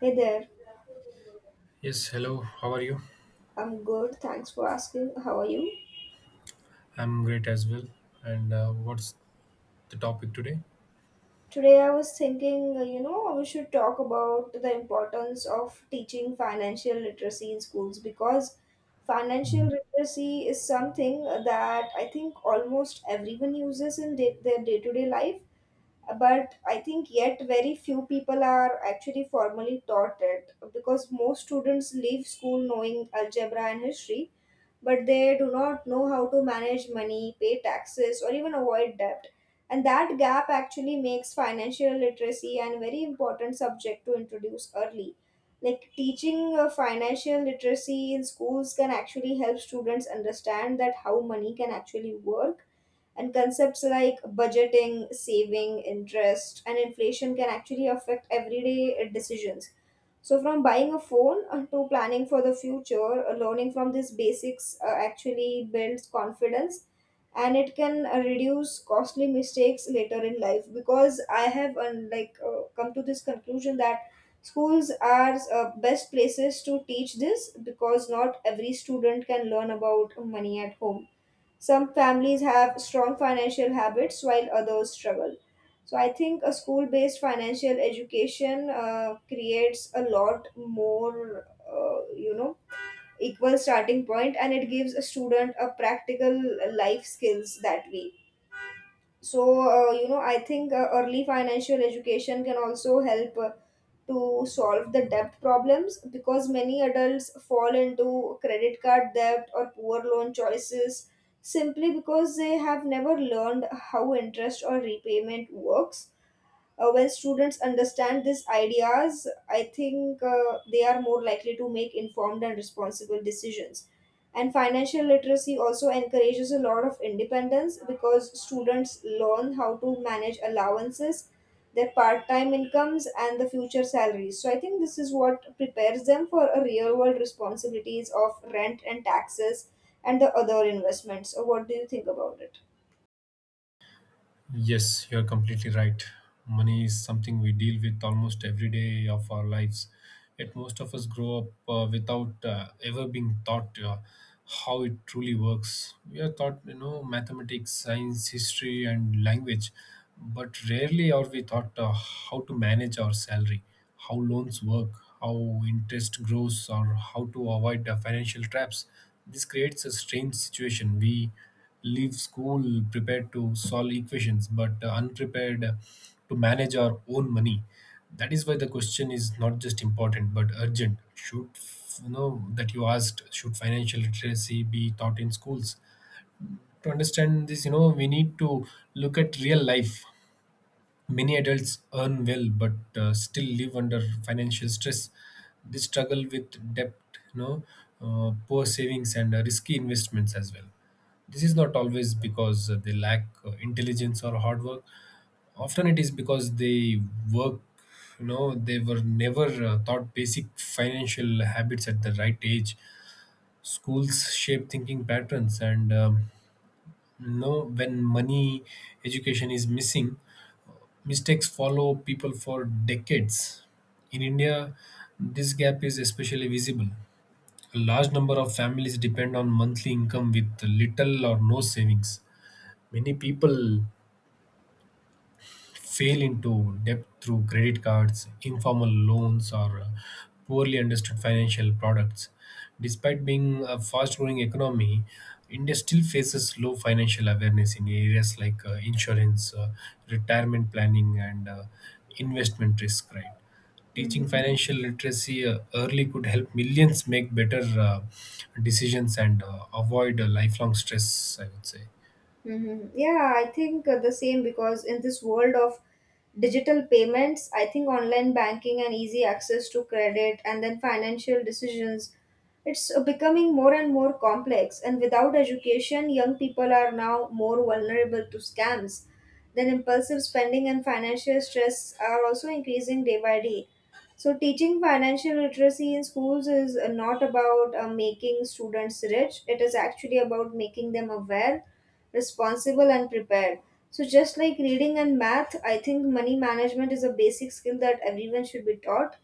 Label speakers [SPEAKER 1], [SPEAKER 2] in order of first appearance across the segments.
[SPEAKER 1] Hey there,
[SPEAKER 2] Yes, hello. How are you?
[SPEAKER 1] I'm good. Thanks for asking. How are you?
[SPEAKER 2] I'm great as well. And what's the topic today?
[SPEAKER 1] Today I was thinking, we should talk about the importance of teaching financial literacy in schools because financial literacy is something that I think almost everyone uses in their day to day life, but I think yet very few people are actually formally taught it because most students leave school knowing algebra and history but they do not know how to manage money, pay taxes, or even avoid debt. And that gap actually makes financial literacy an very important subject to introduce early. Like teaching financial literacy in schools can actually help students understand that how money can actually work, and concepts like budgeting, saving, interest, and inflation can actually affect everyday decisions, so from buying a phone to planning for the future, learning from these basics actually builds confidence and it can reduce costly mistakes later in life because I have come to this conclusion that schools are best places to teach this because not every student can learn about money at home. Some families have strong financial habits while others struggle. So I think a school based financial education creates a lot more, equal starting point, and it gives a student a practical life skills that way. So I think early financial education can also help to solve the debt problems because many adults fall into credit card debt or poor loan choices simply because they have never learned how interest or repayment works. When students understand these ideas, I think they are more likely to make informed and responsible decisions. And financial literacy also encourages a lot of independence because students learn how to manage allowances, their part time incomes, and the future salaries. So I think this is what prepares them for a real world responsibilities of rent and taxes and the other investments. So what do you think about it?
[SPEAKER 2] Yes, you're completely right. Money is something we deal with almost every day of our lives. Yet most of us grow up without ever being taught how it truly works. We are taught, you know, mathematics, science, history, and language, but rarely are we taught how to manage our salary, how loans work, how interest grows, or how to avoid the financial traps. This creates a strange situation. We leave school prepared to solve equations, but unprepared to manage our own money. That is why the question is not just important but urgent. Should you know that you asked? Should financial literacy be taught in schools? To understand this, you know, we need to look at real life. Many adults earn well but still live under financial stress. They struggle with debt, you know, poor savings, and risky investments as well. This is not always because they lack intelligence or hard work. Often it is because work, you know, they were never taught basic financial habits at the right age. Schools shape thinking patterns, and you know, when money education is missing, mistakes follow people for decades. In India, this gap is especially visible. A large number of families depend on monthly income with little or no savings. Many people fail into debt through credit cards, informal loans, or poorly understood financial products. Despite being a fast growing economy, India still faces low financial awareness in areas like insurance, retirement planning, and investment risk. Right? Teaching
[SPEAKER 1] Mhm.
[SPEAKER 2] financial literacy early could help millions make better decisions and avoid lifelong stress, I would say.
[SPEAKER 1] Mm-hmm. Yeah, I think the same, because in this world of digital payments, I think online banking and easy access to credit and then financial decisions, it's becoming more and more complex. And without education, young people are now more vulnerable to scams. Then impulsive spending and financial stress are also increasing day by day. So, teaching financial literacy in schools is not about making students rich, it is actually about making them aware, responsible, and prepared. So, just like reading and math, I think money management is a basic skill that everyone should be taught,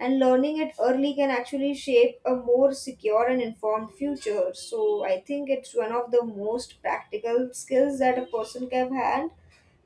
[SPEAKER 1] and learning it early can actually shape a more secure and informed future. So, I think it's one of the most practical skills that a person can have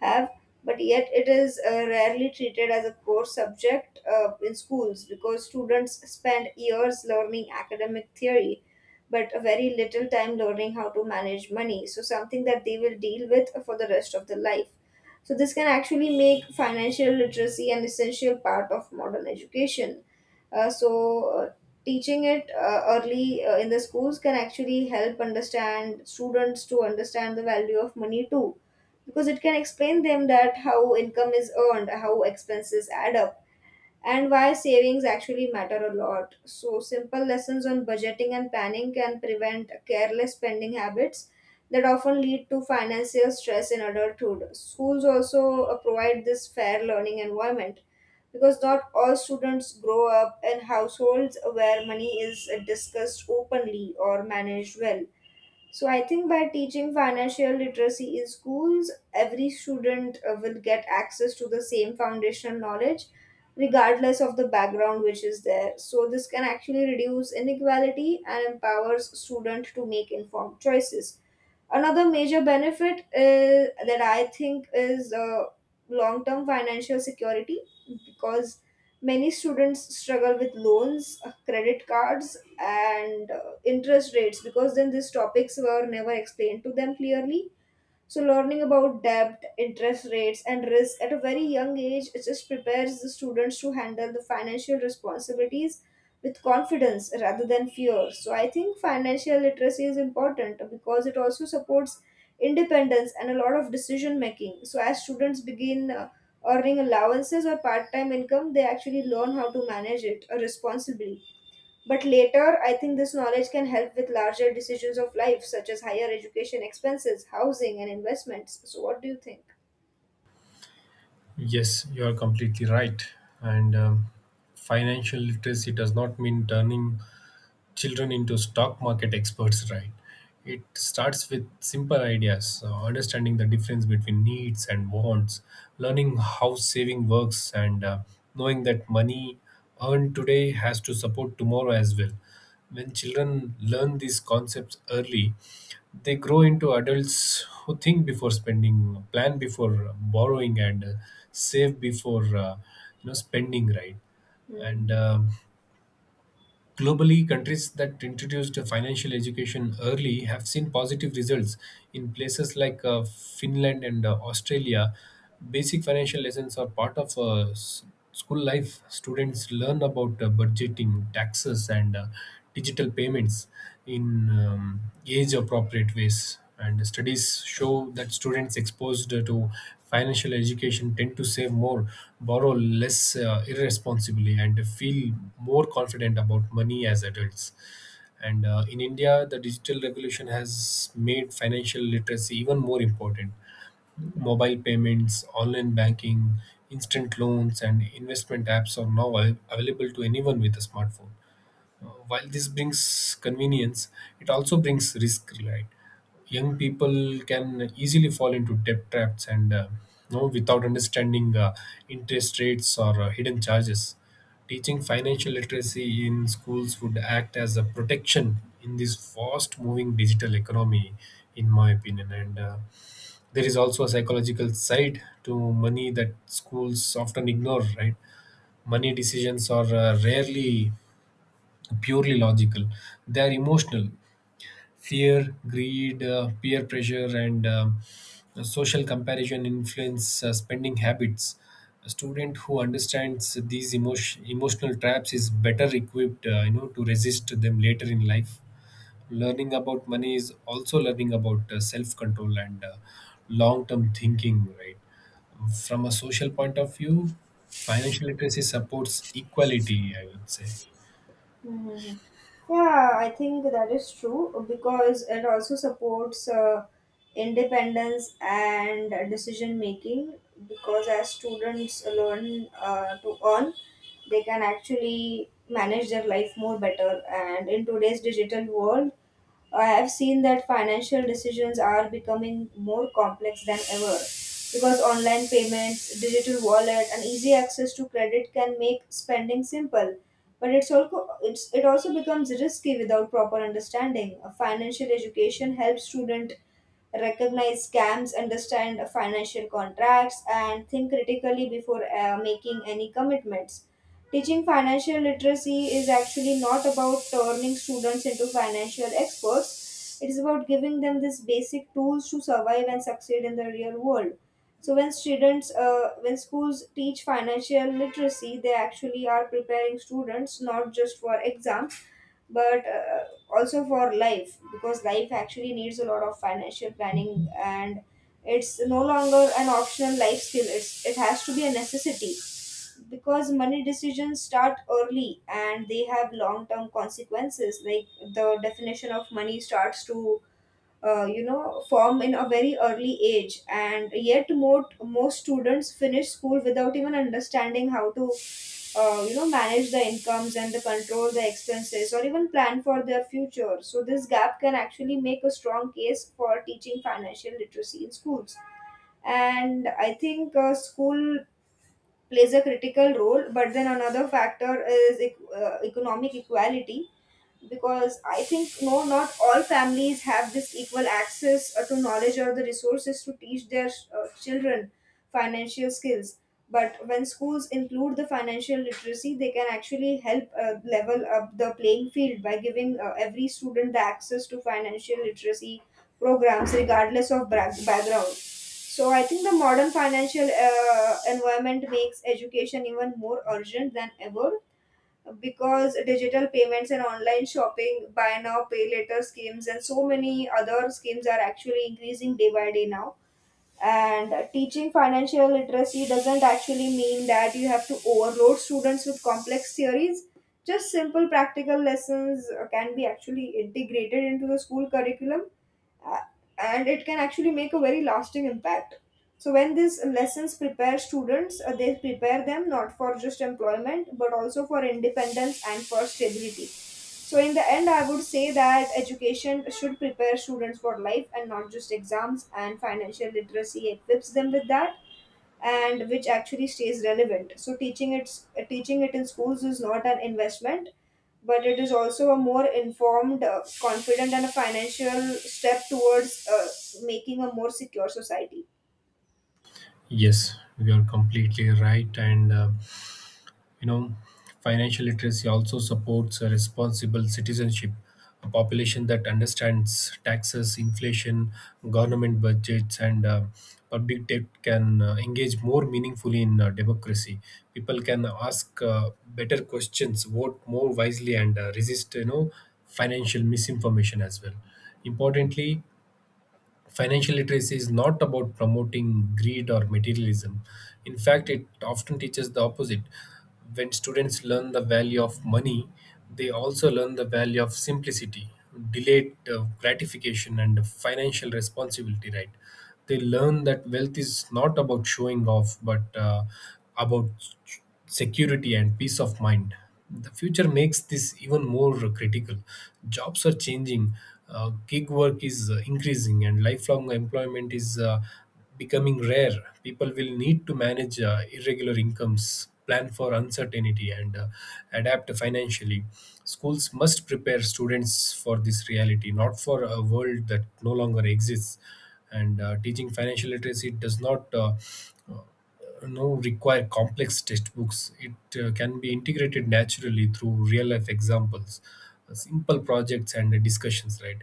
[SPEAKER 1] have, but yet it is rarely treated as a core subject in schools because students spend years learning academic theory but very little time learning how to manage money. So, something that they will deal with for the rest of their life. So, this can actually make financial literacy an essential part of modern education. So, teaching it early in the schools can actually help understand students to understand the value of money too, because it can explain them that how income is earned, how expenses add up, and why savings actually matter a lot. So, simple lessons on budgeting and planning can prevent careless spending habits that often lead to financial stress in adulthood. Schools also provide this fair learning environment because not all students grow up in households where money is discussed openly or managed well. So I think by teaching financial literacy in schools, every student will get access to the same foundational knowledge, regardless of the background which is there. So this can actually reduce inequality and empowers student to make informed choices. Another major benefit is, that I think is long-term financial security, because many students struggle with loans, credit cards, and interest rates because then these topics were never explained to them clearly. So, learning about debt, interest rates, and risk at a very young age, it just prepares the students to handle the financial responsibilities with confidence rather than fear. So, I think financial literacy is important because it also supports independence and a lot of decision making. So, as students begin earning allowances or part time income, they actually learn how to manage it responsibly. But later, I think this knowledge can help with larger decisions of life, such as higher education expenses, housing, and investments. So, what do you think?
[SPEAKER 2] Yes, you are completely right. And financial literacy does not mean turning children into stock market experts, right? It starts with simple ideas, understanding the difference between needs and wants, learning how saving works, and knowing that money earned today has to support tomorrow as well. When children learn these concepts early, they grow into adults who think before spending, plan before borrowing, and save before you know spending, right? and
[SPEAKER 1] Hmm.
[SPEAKER 2] Globally, countries that introduced financial education early have seen positive results. In places like Finland and Australia, basic financial lessons are part of school life. Students learn about budgeting, taxes, and digital payments in age appropriate ways. And studies show that students exposed to financial education tend to save more, borrow less irresponsibly, and feel more confident about money as adults. And in India, the digital revolution has made financial literacy even more important. Mobile payments, online banking, instant loans, and investment apps are now available to anyone with a smartphone. While this brings convenience, it also brings risk, right? Young people can easily fall into debt traps and you know, without understanding interest rates or hidden charges. Teaching financial literacy in schools would act as a protection in this fast moving digital economy, in my opinion. And there is also a psychological side to money that schools often ignore, right? Money decisions are rarely purely logical. They are emotional. Fear, greed, peer pressure, and social comparison influence spending habits. A student who understands these emotional traps is better equipped, to resist them later in life. Learning about money is also learning about self-control and long-term thinking, right? From a social point of view, financial literacy supports equality, I would say.
[SPEAKER 1] Hmm. Yeah, I think that is true because it also supports independence and decision making. Because as students learn to earn, they can actually manage their life more better. And in today's digital world, I've seen that financial decisions are becoming more complex than ever because online payments, digital wallet, and easy access to credit can make spending simple. But it also becomes risky without proper understanding. A financial education helps students recognize scams, understand financial contracts, and think critically before making any commitments. Teaching financial literacy is actually not about turning students into financial experts. It is about giving them these basic tools to survive and succeed in the real world. So when schools teach financial literacy, they actually are preparing students not just for exams, but also for life, because life actually needs a lot of financial planning and it's no longer an optional life skill. It has to be a necessity because money decisions start early and they have long term consequences, like the definition of money starts to form in a very early age, and yet most students finish school without even understanding how to manage the incomes and the control the expenses or even plan for their future. So this gap can actually make a strong case for teaching financial literacy in schools. And I think school plays a critical role, but then another factor is economic equality, because I think not all families have this equal access to knowledge or the resources to teach their children financial skills. But when schools include the financial literacy, they can actually help level up the playing field by giving every student the access to financial literacy programs, regardless of background. So I think the modern financial environment makes education even more urgent than ever because digital payments and online shopping, buy now, pay later schemes, and so many other schemes are actually increasing day by day now. And teaching financial literacy doesn't actually mean that you have to overload students with complex theories. Just simple practical lessons can be actually integrated into the school curriculum, uh, and it can actually make a very lasting impact. So, when these lessons prepare students, they prepare them not for just employment but also for independence and for stability. So, in the end, I would say that education should prepare students for life and not just exams, and financial literacy equips them with that, and which actually stays relevant. So, teaching it in schools is not an investment, but it is also a more informed, confident, and a financial step towards making a more secure society.
[SPEAKER 2] Yes, you are completely right. You know, financial literacy also supports a responsible citizenship, a population that understands taxes, inflation, government budgets, and public debt can engage more meaningfully in democracy. People can ask better questions, vote more wisely, and resist, you know, financial misinformation as well. Importantly, financial literacy is not about promoting greed or materialism. In fact, it often teaches the opposite. When students learn the value of money, they also learn the value of simplicity, delayed gratification, and financial responsibility, right? They learn that wealth is not about showing off, but about security and peace of mind. The future makes this even more critical. Jobs are changing, gig work is increasing, and lifelong employment is becoming rare. People will need to manage irregular incomes, plan for uncertainty, and adapt financially. Schools must prepare students for this reality, not for a world that no longer exists. And teaching financial literacy does not uh, you know require complex textbooks. It can be integrated naturally through real life examples, simple projects and discussions, right?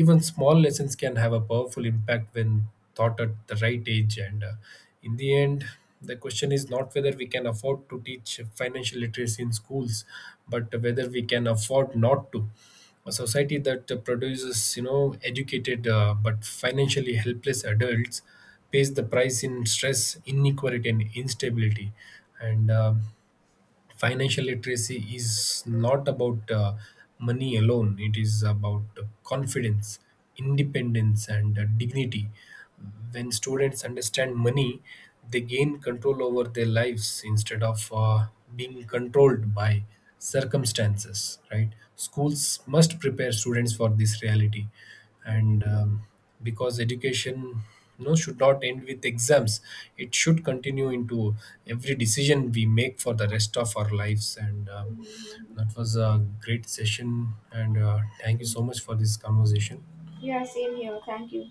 [SPEAKER 2] Even small lessons can have a powerful impact when taught at the right age, and in the end, the question is not whether we can afford to teach financial literacy in schools, but whether we can afford not to. A society that produces, you know, educated but financially helpless adults pays the price in stress, inequality, and instability. And financial literacy is not about money alone. It is about confidence, independence, and dignity. When students understand money, they gain control over their lives instead of being controlled by circumstances, right? Schools must prepare students for this reality,
[SPEAKER 1] Yeah,
[SPEAKER 2] and because education, you know, should not end with exams. It should continue into every decision we make for the rest of our lives. And That was a great session, and thank you so much for this conversation.
[SPEAKER 1] yeah, same here. Thank you.